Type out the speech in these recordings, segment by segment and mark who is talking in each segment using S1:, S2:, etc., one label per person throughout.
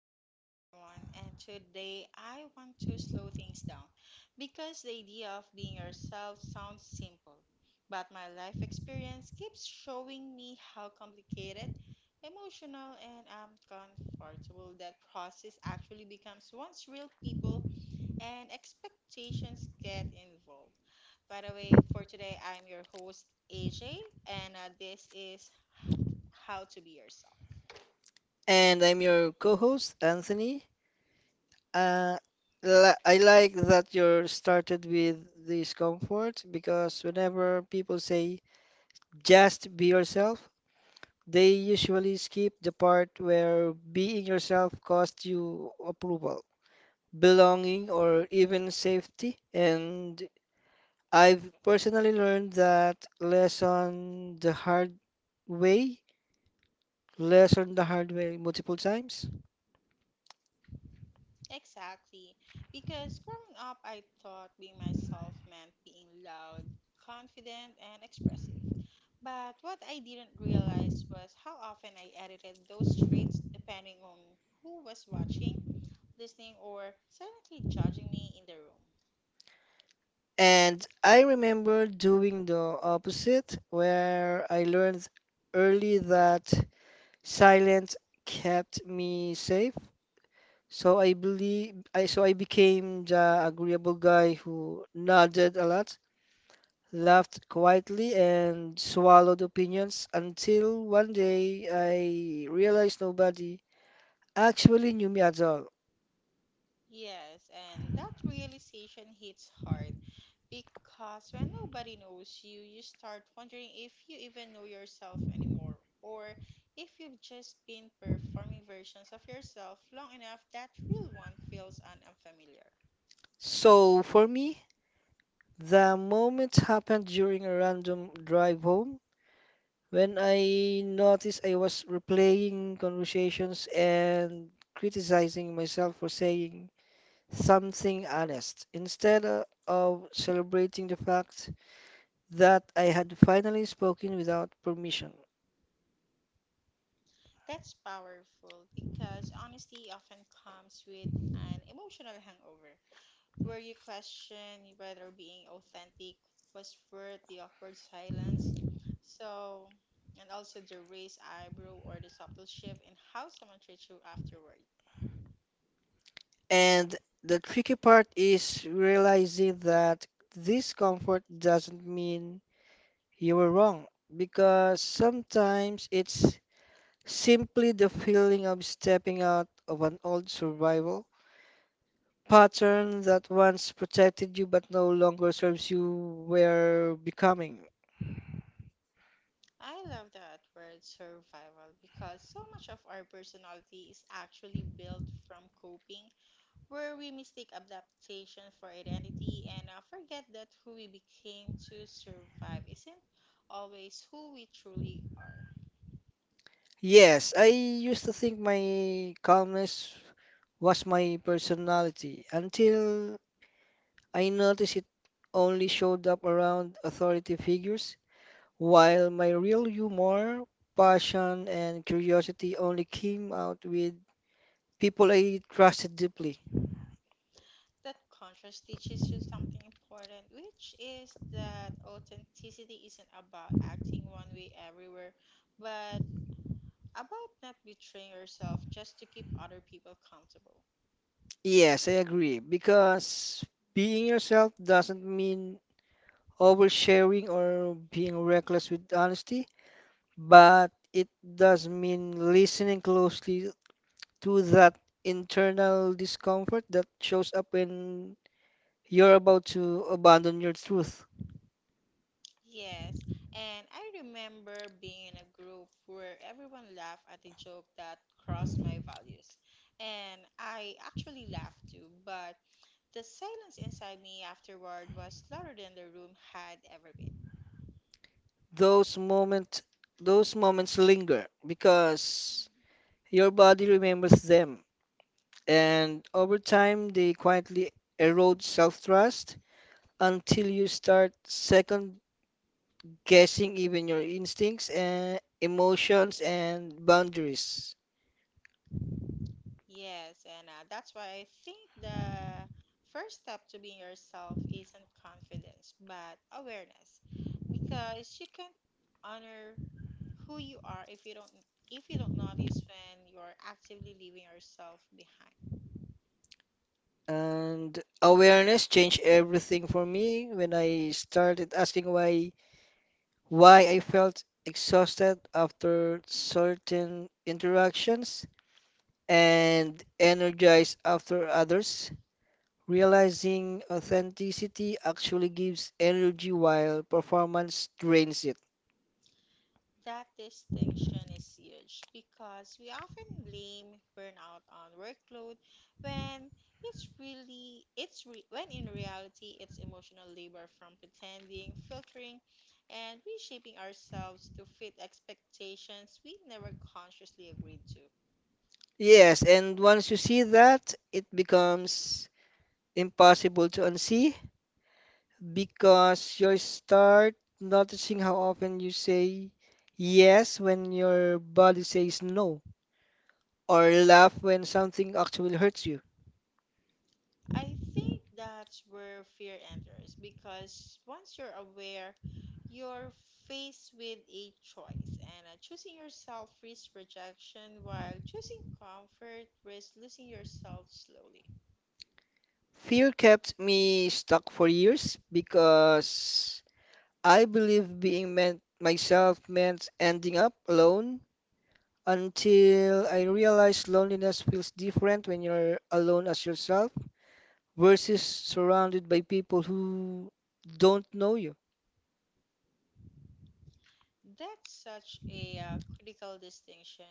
S1: podcast, everyone. And today I want to slow things down because the idea of being yourself sounds simple, but my life experience keeps showing me how complicated, emotional, and uncomfortable that process actually becomes once real people and expectations get involved. By the way, for today, I'm your host, AJ, and this is How to Be Yourself.
S2: And I'm your co-host, Anthony. Uh, li I like that you started with discomfort because whenever people say just be yourself, they usually skip the part where being yourself costs you approval, belonging, or even safety. And I've personally learned that way, lesson the hard way multiple times.
S1: Exactly. Because growing up, I thought being myself meant being loud, confident, and expressive. But what I didn't realize was how often I edited those traits depending on who was watching, listening, or silently judging me in the room.
S2: And I remember doing the opposite, where I learned early that silence kept me safe. So I became the agreeable guy who nodded a lot, laughed quietly, and swallowed opinions until one day I realized nobody actually knew me at all.
S1: Yes, and that realization hits hard because when nobody knows you, you start wondering if you even know yourself anymore or if you've just been performing versions of yourself long enough that real one feels unfamiliar.
S2: So for me, the moment happened during a random drive home when I noticed I was replaying conversations and criticizing myself for saying something honest instead of celebrating the fact that I had finally spoken without permission.
S1: That's powerful because honesty often comes with an emotional hangover, where you question whether being authentic was worth the awkward silence. So, and also the raised eyebrow or the subtle shift in how someone treats you afterward.
S2: And the tricky part is realizing that discomfort doesn't mean you were wrong because sometimes it's simply the feeling of stepping out of an old survival pattern that once protected you but no longer serves you were becoming.
S1: I love that word survival because so much of our personality is actually built from coping, where we mistake adaptation for identity and forget that who we became to survive isn't always who we truly are.
S2: Yes, I used to think my calmness was my personality until I noticed it only showed up around authority figures, while my real humor, passion, and curiosity only came out with people I trusted deeply.
S1: That contrast teaches you something important, which is that authenticity isn't about acting one way everywhere, but about not betraying yourself just to keep other people comfortable.
S2: Yes, I agree, because being yourself doesn't mean oversharing or being reckless with honesty, but it does mean listening closely to that internal discomfort that shows up when you're about to abandon your truth.
S1: Yes, and I remember being in a group where everyone laughed at a joke that crossed my values. And I actually laughed too, but the silence inside me afterward was louder than the room had ever been.
S2: Those moments, those moments linger because your body remembers them, and over time they quietly erode self-trust until you start second guessing even your instincts and emotions and boundaries.
S1: Yes, and that's why I think the first step to being yourself isn't confidence, but awareness. Because you can't honor who you are if you don't notice when you're actively leaving yourself behind.
S2: And awareness changed everything for me when I started asking why I felt exhausted after certain interactions and energized after others. Realizing authenticity actually gives energy while performance drains it.
S1: That distinction is huge because we often blame burnout on workload when it's really it's re, when in reality it's emotional labor from pretending, filtering and reshaping ourselves to fit expectations we never consciously agreed to.
S2: Yes, and once you see that, it becomes impossible to unsee because you start noticing how often you say yes when your body says no, or laugh when something actually hurts you.
S1: I think that's where fear enters because once you're aware, you're faced with a choice, and choosing yourself risks rejection, while choosing comfort risks losing yourself slowly.
S2: Fear kept me stuck for years because I believed being meant myself meant ending up alone until I realized loneliness feels different when you're alone as yourself versus surrounded by people who don't know you.
S1: That's such a critical distinction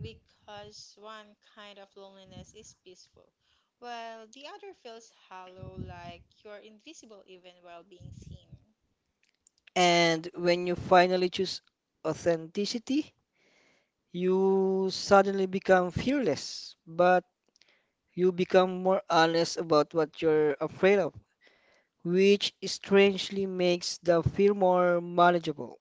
S1: because one kind of loneliness is peaceful, while the other feels hollow, like you're invisible even while being seen.
S2: And when you finally choose authenticity, you suddenly become fearless, but you become more honest about what you're afraid of, which strangely makes the fear more manageable.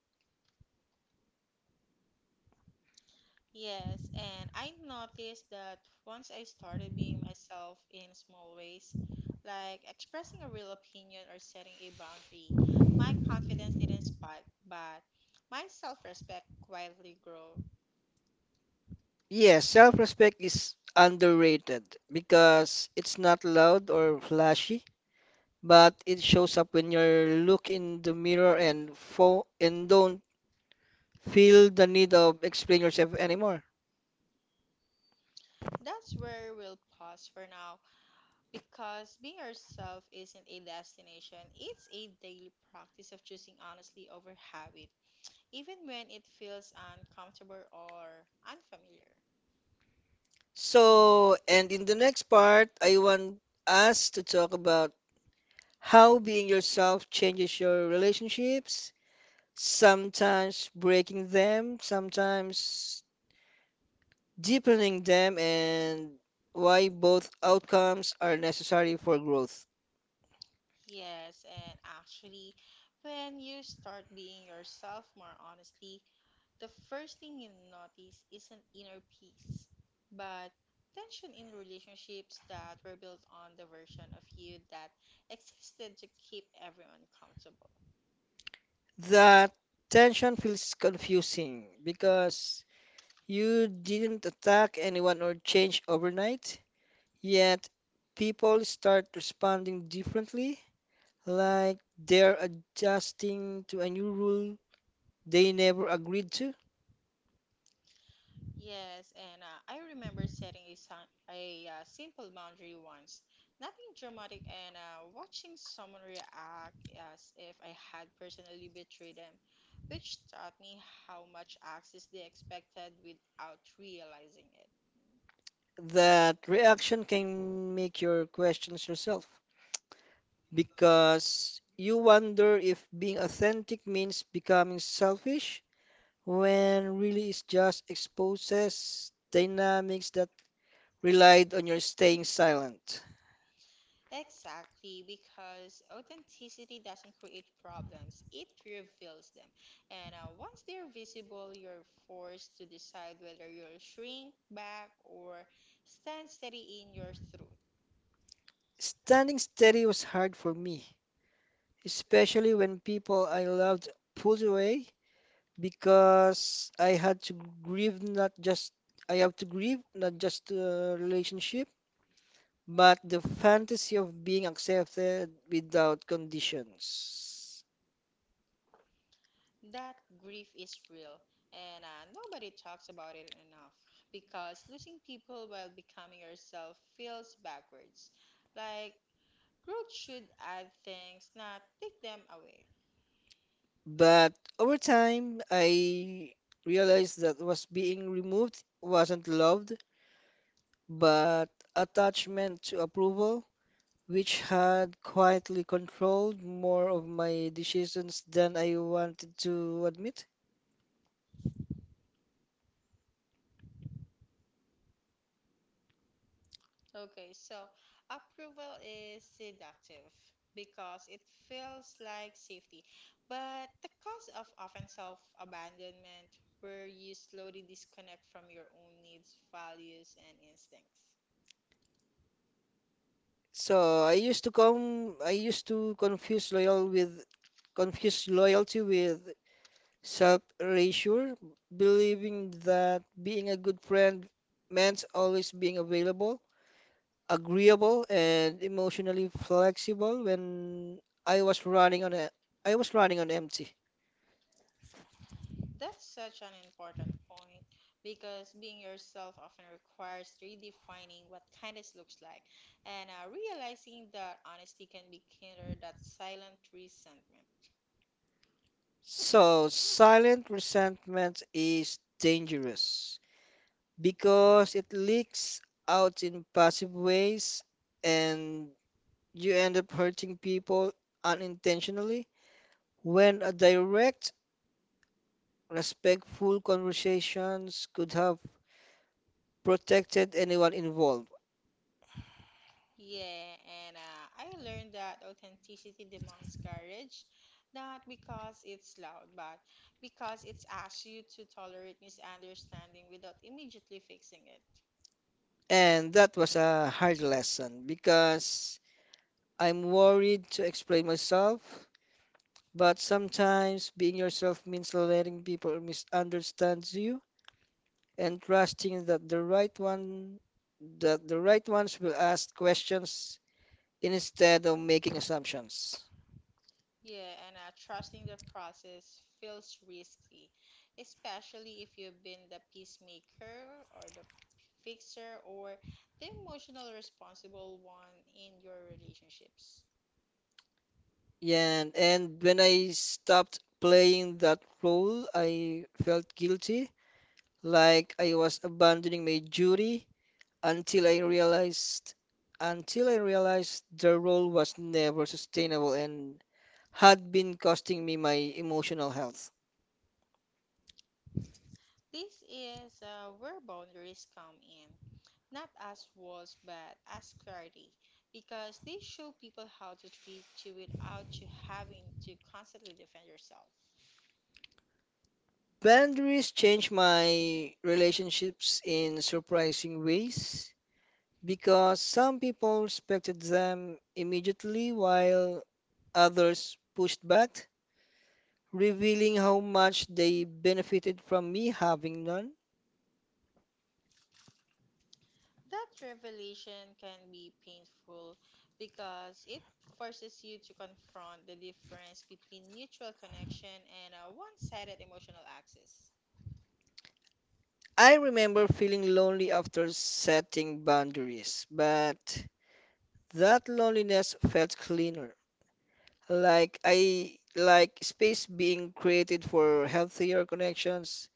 S1: Yes, and I noticed that once I started being myself in small ways, like expressing a real opinion or setting a boundary, my confidence didn't spike, but my self-respect quietly grew.
S2: Yes, self-respect is underrated because it's not loud or flashy, but it shows up when you look in the mirror and don't feel the need of explain yourself anymore.
S1: That's where we'll pause for now because being yourself isn't a destination, it's a daily practice of choosing honestly over habit, even when it feels uncomfortable or unfamiliar.
S2: And in the next part, I want us to talk about how being yourself changes your relationships, sometimes breaking them, sometimes deepening them, and why both outcomes are necessary for growth.
S1: Yes, and actually, when you start being yourself more honestly, the first thing you notice is an inner peace, but tension in relationships that were built on the version of you that existed to keep everyone comfortable.
S2: That tension feels confusing because you didn't attack anyone or change overnight, yet people start responding differently, like they're adjusting to a new rule they never agreed to.
S1: Yes, and I remember setting a simple boundary once. Nothing dramatic, and watching someone react as if I had personally betrayed them, which taught me how much access they expected without realizing it.
S2: That reaction can make your questions yourself because you wonder if being authentic means becoming selfish when really it just exposes dynamics that relied on your staying silent.
S1: Exactly, because authenticity doesn't create problems, it reveals them. And once they're visible, you're forced to decide whether you'll shrink back or stand steady in your truth.
S2: Standing steady was hard for me, especially when people I loved pulled away because grieve not just I have to grieve not just the relationship, but the fantasy of being accepted without conditions.
S1: That grief is real, and nobody talks about it enough because losing people while becoming yourself feels backwards. Like, growth should add things, not take them away.
S2: But over time, I realized that was being removed wasn't loved, but attachment to approval, which had quietly controlled more of my decisions than I wanted to admit.
S1: Okay, so approval is seductive because it feels like safety, but the cause of often self-abandonment, where you slowly disconnect from your own needs, values, and instincts.
S2: So I used to confuse loyalty with self-erasure, believing that being a good friend meant always being available, agreeable, and emotionally flexible when I was running on a, I was running on empty.
S1: That's such an important point because being yourself often requires redefining what kindness looks like and realizing that honesty can be kinder than silent resentment.
S2: So silent resentment is dangerous because it leaks out in passive ways and you end up hurting people unintentionally when a direct, respectful conversations could have protected anyone involved.
S1: Yeah, and I learned that authenticity demands courage, not because it's loud, but because it's asks you to tolerate misunderstanding without immediately fixing it.
S2: And that was a hard lesson because I'm worried to explain myself, but sometimes being yourself means letting people misunderstand you and trusting that the right ones will ask questions instead of making assumptions.
S1: Yeah, and trusting the process feels risky, especially if you've been the peacemaker or the fixer or the emotional responsible one in your relationships.
S2: Yeah, and when I stopped playing that role, I felt guilty, like I was abandoning my duty until I realized until I realized the role was never sustainable and had been costing me my emotional health.
S1: This is where boundaries come in, not as walls but as clarity, because they show people how to treat you without you having to constantly defend yourself.
S2: Boundaries changed my relationships in surprising ways because some people respected them immediately while others pushed back, revealing how much they benefited from me having none.
S1: That revelation can be painful because it forces you to confront the difference between mutual connection and a one sided emotional axis.
S2: I remember feeling lonely after setting boundaries, but that loneliness felt cleaner, like I like space being created for healthier connections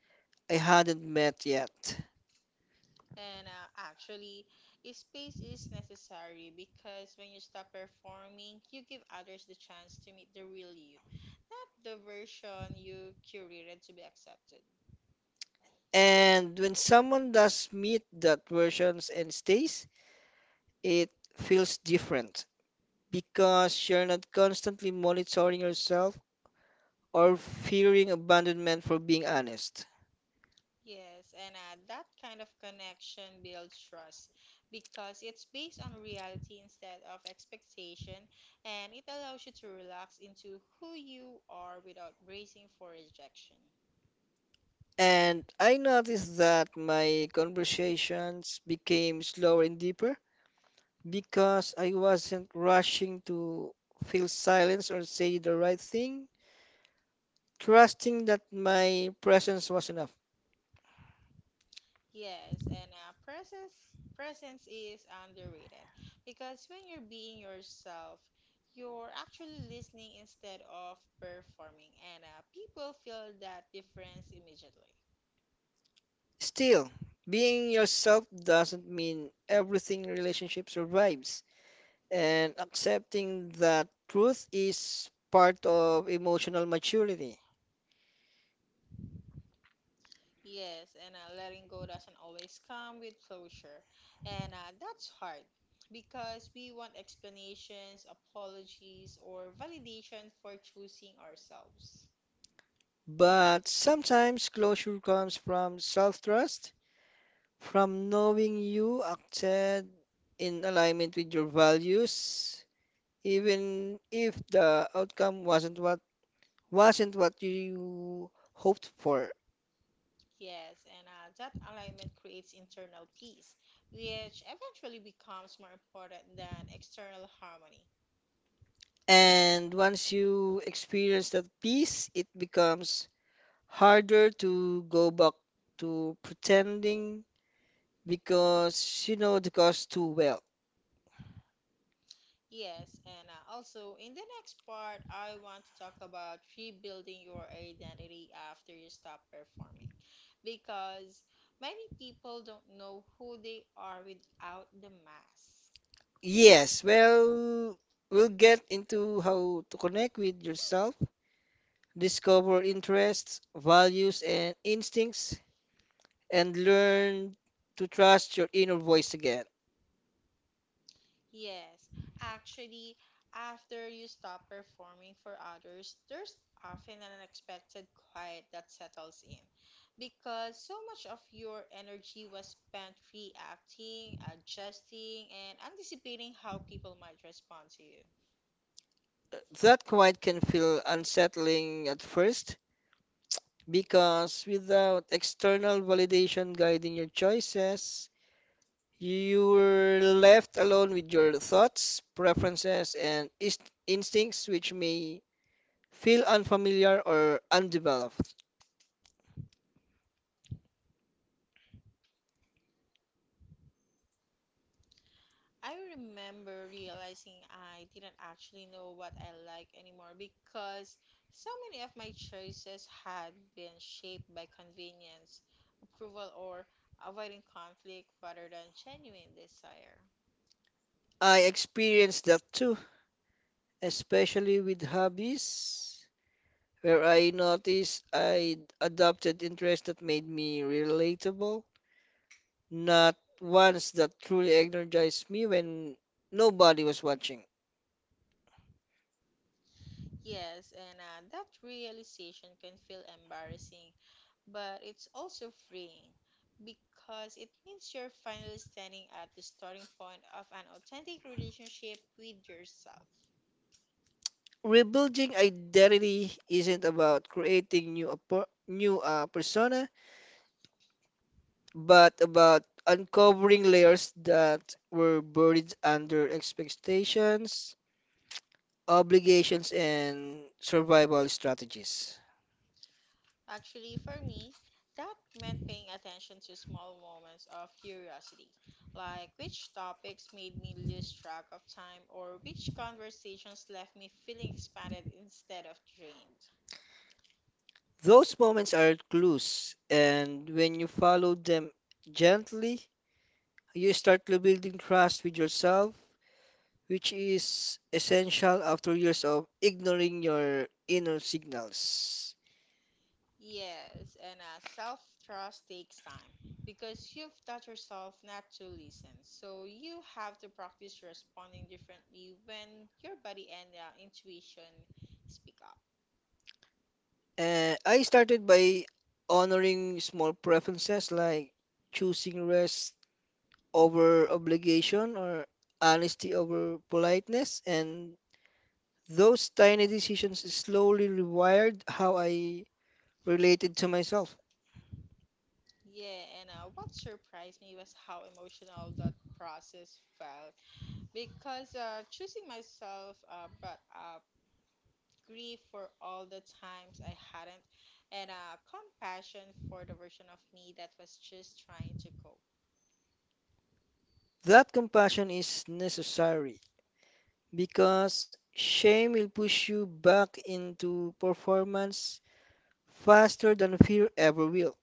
S2: I hadn't met yet.
S1: And actually, a space is necessary because when you stop performing, you give others the chance to meet the real you, not the version you curated to be accepted.
S2: And when someone does meet that versions and stays, it feels different because you're not constantly monitoring yourself or fearing abandonment for being honest.
S1: Yes, and that kind of connection builds trust because it's based on reality instead of expectation, and it allows you to relax into who you are without bracing for rejection.
S2: And I noticed that my conversations became slower and deeper because I wasn't rushing to feel silence or say the right thing, trusting that my presence was enough.
S1: Yes, and presence is underrated because when you're being yourself, you're actually listening instead of performing, and people feel that difference immediately.
S2: Still, being yourself doesn't mean everything relationship survives, and accepting that truth is part of emotional maturity.
S1: Yes, and letting go doesn't always come with closure, and that's hard because we want explanations, apologies, or validation for choosing ourselves.
S2: But sometimes closure comes from self-trust, from knowing you acted in alignment with your values, even if the outcome wasn't what you hoped for.
S1: Yes, and that alignment creates internal peace, which eventually becomes more important than external harmony.
S2: And once you experience that peace, it becomes harder to go back to pretending because you know the cause too well.
S1: Yes, and also in the next part, I want to talk about rebuilding your identity after you stop performing. Because many people don't know who they are without the mask.
S2: Yes, well, we'll get into how to connect with yourself, discover interests, values, and instincts, and learn to trust your inner voice again.
S1: Yes, actually, after you stop performing for others, there's often an unexpected quiet that settles in because so much of your energy was spent reacting, adjusting, and anticipating how people might respond to you.
S2: That quiet can feel unsettling at first because without external validation guiding your choices, you're left alone with your thoughts, preferences, and instincts, which may feel unfamiliar or undeveloped.
S1: I remember realizing I didn't actually know what I like anymore because so many of my choices had been shaped by convenience, approval, or avoiding conflict rather than genuine desire.
S2: I experienced that too, especially with hobbies, where I noticed I adopted interests that made me relatable, not ones that truly energized me when nobody was watching.
S1: Yes, and that realization can feel embarrassing, but it's also freeing because it means you're finally standing at the starting point of an authentic relationship with yourself.
S2: Rebuilding identity isn't about creating new a new persona, but about uncovering layers that were buried under expectations, obligations, and survival strategies.
S1: Actually, for me, that meant paying attention to small moments of curiosity, like which topics made me lose track of time or which conversations left me feeling expanded instead of drained.
S2: Those moments are clues, and when you follow them gently, you start to building trust with yourself, which is essential after years of ignoring your inner signals.
S1: Yes, and self trust takes time because you've taught yourself not to listen. So you have to practice responding differently when your body and intuition speak up.
S2: I started by honoring small preferences like choosing rest over obligation or honesty over politeness, and those tiny decisions slowly rewired how I related to myself.
S1: Yeah, and what surprised me was how emotional that process felt because choosing myself brought up grief for all the times I hadn't, and compassion for the version of me that was just trying to cope.
S2: That compassion is necessary because shame will push you back into performance faster than fear ever will.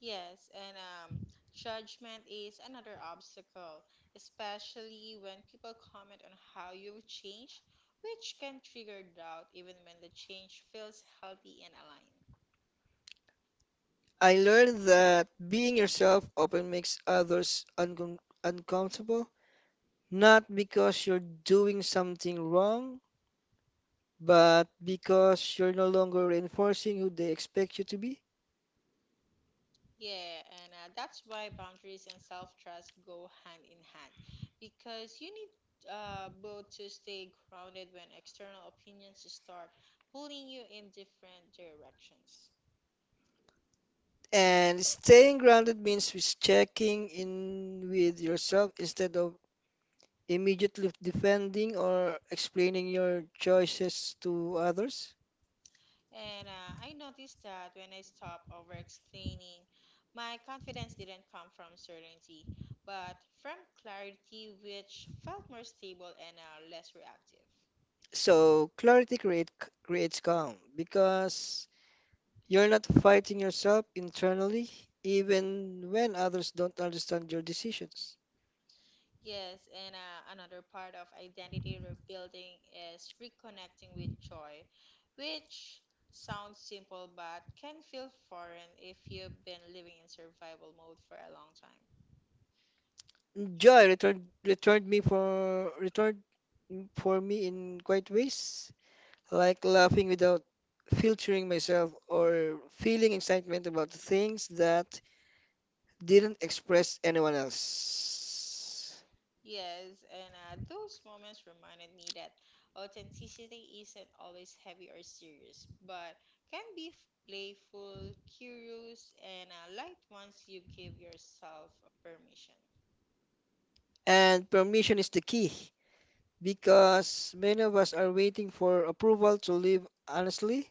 S1: Yes, and judgment is another obstacle, especially when people comment on how you've changed, which can trigger doubt even when the change feels healthy and aligned.
S2: I learned that being yourself often makes others uncomfortable, not because you're doing something wrong, but because you're no longer reinforcing who they expect you to be.
S1: Yeah, and that's why boundaries and self-trust go hand in hand because you need both to stay grounded when external opinions start pulling you in different directions.
S2: And staying grounded means with checking in with yourself instead of immediately defending or explaining your choices to others.
S1: And I noticed that when I stopped over-explaining, my confidence didn't come from certainty, but from clarity, which felt more stable and less reactive.
S2: So clarity creates calm because you're not fighting yourself internally, even when others don't understand your decisions.
S1: Yes, and another part of identity rebuilding is reconnecting with joy, which sounds simple but can feel foreign if you've been living in survival mode for a long time.
S2: Joy returned for me in quite ways, like laughing without filtering myself or feeling excitement about things that didn't express anyone else.
S1: Yes, and those moments reminded me that authenticity isn't always heavy or serious, but can be playful, curious, and light once you give yourself permission.
S2: And permission is the key because many of us are waiting for approval to live honestly,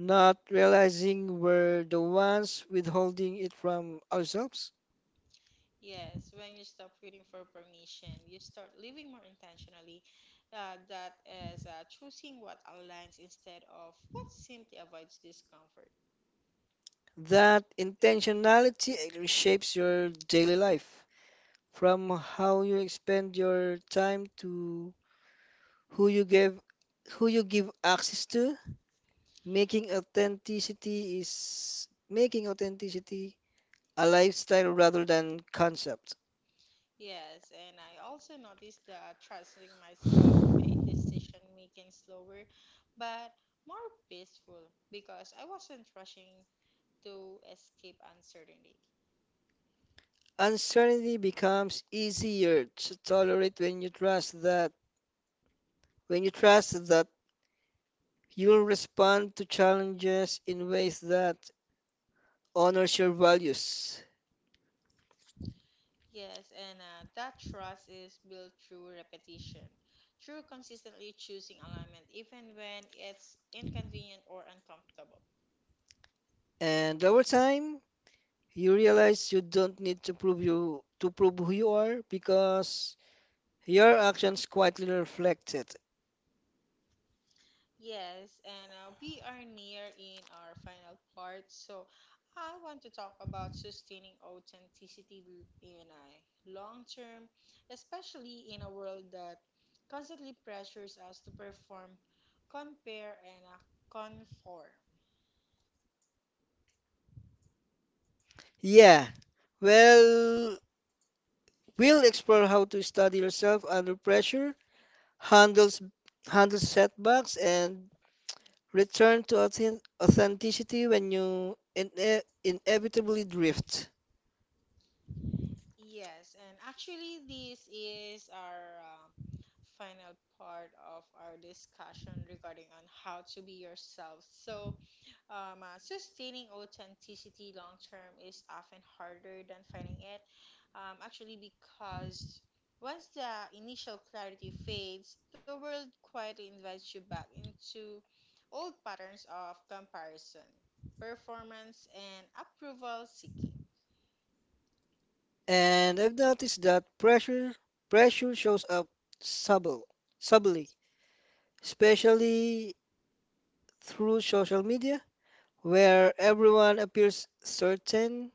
S2: not realizing we're the ones withholding it from ourselves.
S1: Yes, when you stop waiting for permission, you start living more intentionally. That is choosing what aligns instead of what simply avoids discomfort.
S2: That intentionality shapes your daily life, from how you spend your time to who you give who you give access to. Making authenticity a lifestyle rather than concept.
S1: Yes, and I also noticed that trusting myself made decision making slower, but more peaceful because I wasn't rushing to escape uncertainty.
S2: Uncertainty becomes easier to tolerate when you trust that you'll respond to challenges in ways that honors your values.
S1: Yes, and that trust is built through repetition, through consistently choosing alignment, even when it's inconvenient or uncomfortable.
S2: And over time, you realize you don't need to prove who you are because your actions quietly reflect it.
S1: Yes, and we are near in our final part, so I want to talk about sustaining authenticity in a long term, especially in a world that constantly pressures us to perform, compare, and conform.
S2: Yeah, well, we'll explore how to study yourself under pressure, handles handle setbacks, and return to authenticity when you inevitably drift.
S1: Yes, and actually, this is our final part of our discussion regarding on how to be yourself. So, sustaining authenticity long term is often harder than finding it, actually, because once the initial clarity fades, the world quietly invites you back into old patterns of comparison, performance, and approval seeking.
S2: And I've noticed that pressure shows up subtle, subtly, especially through social media, where everyone appears certain,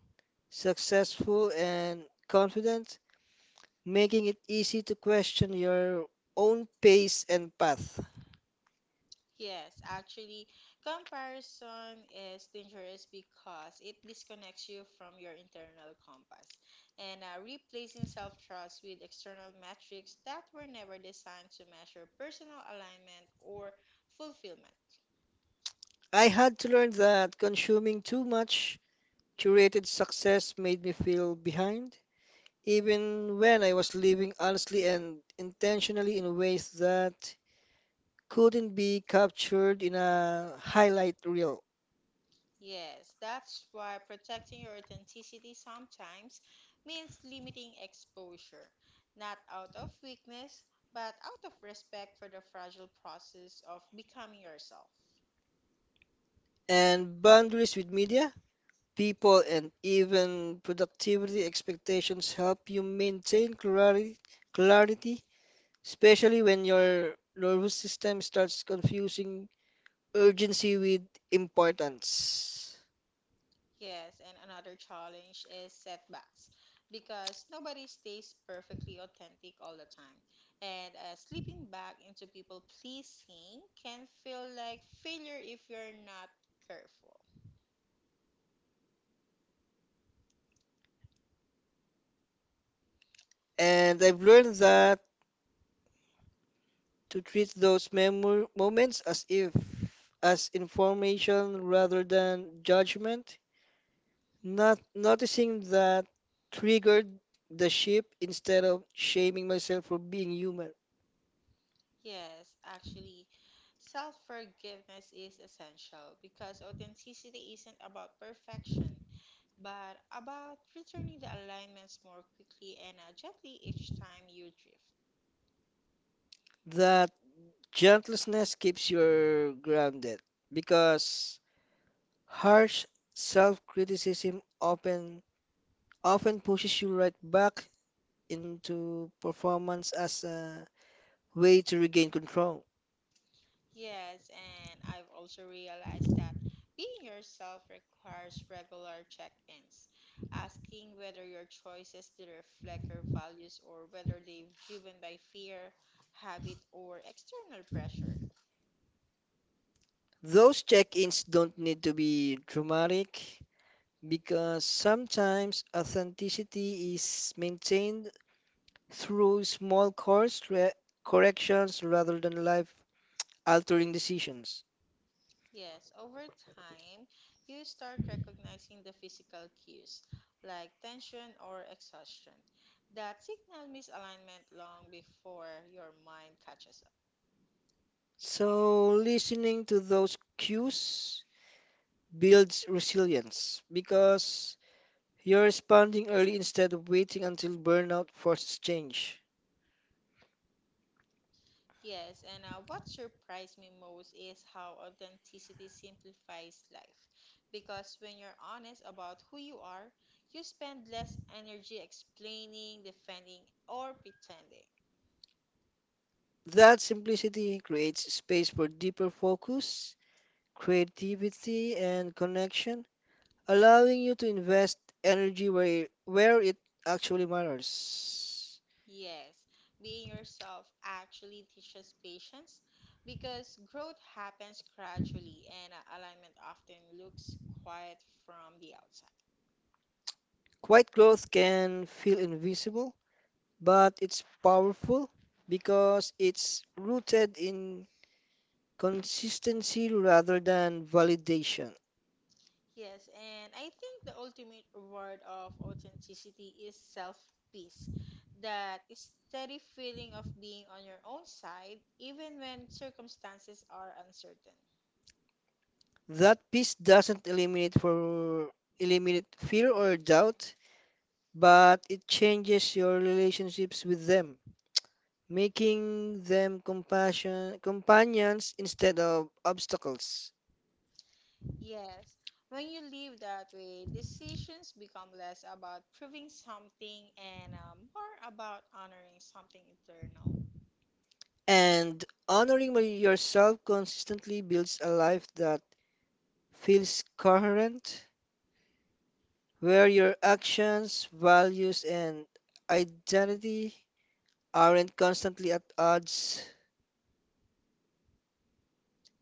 S2: successful, and confident, making it easy to question your own pace and path.
S1: Yes, actually, comparison is dangerous because it disconnects you from your internal compass and replacing self trust with external metrics that were never designed to measure personal alignment or fulfillment.
S2: I had to learn that consuming too much curated success made me feel behind even when I was living honestly and intentionally in ways that couldn't be captured in a highlight reel.
S1: Yes, that's why protecting your authenticity sometimes means limiting exposure, not out of weakness, but out of respect for the fragile process of becoming yourself.
S2: And boundaries with media, people, and even productivity expectations help you maintain clarity, especially when your nervous system starts confusing urgency with importance.
S1: Yes, and another challenge is setbacks because nobody stays perfectly authentic all the time. And slipping back into people pleasing can feel like failure if you're not careful.
S2: And I've learned that to treat those memor moments as if as information rather than judgment, not noticing that triggered the ship instead of shaming myself for being human.
S1: Yes, actually, self forgiveness is essential because authenticity isn't about perfection, but about returning the alignments more quickly and gently each time you drift.
S2: That gentleness keeps you grounded because harsh self-criticism often pushes you right back into performance as a way to regain control.
S1: Yes, and I've also realized that being yourself requires regular check ins, asking whether your choices do reflect your values or whether they're driven by fear, habit, or external pressure.
S2: Those check-ins don't need to be dramatic because sometimes authenticity is maintained through small course corrections rather than life-altering decisions.
S1: Yes, over time, you start recognizing the physical cues like tension or exhaustion that signal misalignment long before your mind catches up.
S2: So, listening to those cues builds resilience because you're responding early instead of waiting until burnout forces change.
S1: Yes, and what surprised me most is how authenticity simplifies life. Because when you're honest about who you are, you spend less energy explaining, defending, or pretending.
S2: That simplicity creates space for deeper focus, creativity, and connection, allowing you to invest energy where it actually matters.
S1: Yes, being yourself actually teaches patience because growth happens gradually and alignment often looks quiet from the outside.
S2: Quiet growth can feel invisible, but it's powerful because it's rooted in consistency rather than validation.
S1: Yes, and I think the ultimate reward of authenticity is self peace. That steady feeling of being on your own side, even when circumstances are uncertain.
S2: That peace doesn't eliminate fear or doubt, but it changes your relationships with them, making them compassion companions instead of obstacles.
S1: Yes, when you live that way, decisions become less about proving something and more about honoring something eternal.
S2: And honoring yourself consistently builds a life that feels coherent, where your actions, values, and identity aren't constantly at odds.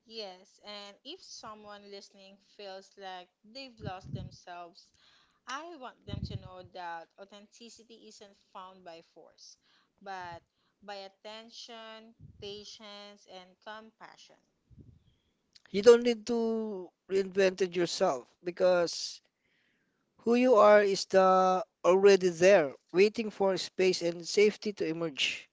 S1: Yes, and if someone listening feels like they've lost themselves I want them to know that authenticity isn't found by force, but by attention, patience, and compassion.
S2: You don't need to reinvent it yourself because who you are is the already there, waiting for space and safety to emerge.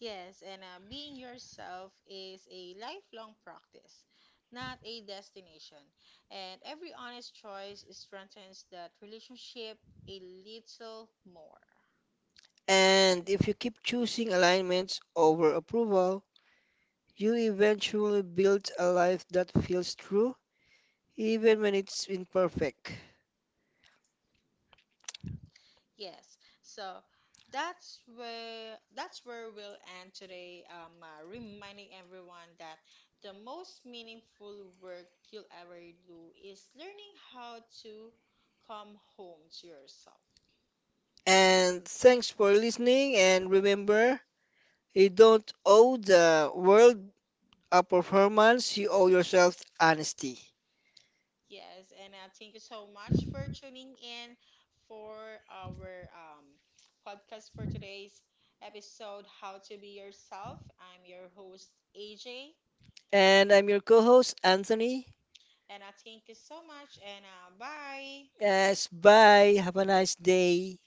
S1: Yes, and being yourself is a lifelong practice, not a destination. And every honest choice strengthens that relationship a little more.
S2: And if you keep choosing alignments over approval, you eventually build a life that feels true even when it's imperfect.
S1: Yes. So that's where we'll end today. Reminding everyone that the most meaningful work you'll ever do is learning how to come home to yourself.
S2: And thanks for listening. And remember, you don't owe the world a performance, you owe yourself honesty.
S1: Yes, and thank you so much for tuning in for our podcast for today's episode, How to Be Yourself. I'm your host, AJ,
S2: And I'm your co host, Anthony.
S1: and I thank you so much, and bye.
S2: Yes, bye. Have a nice day.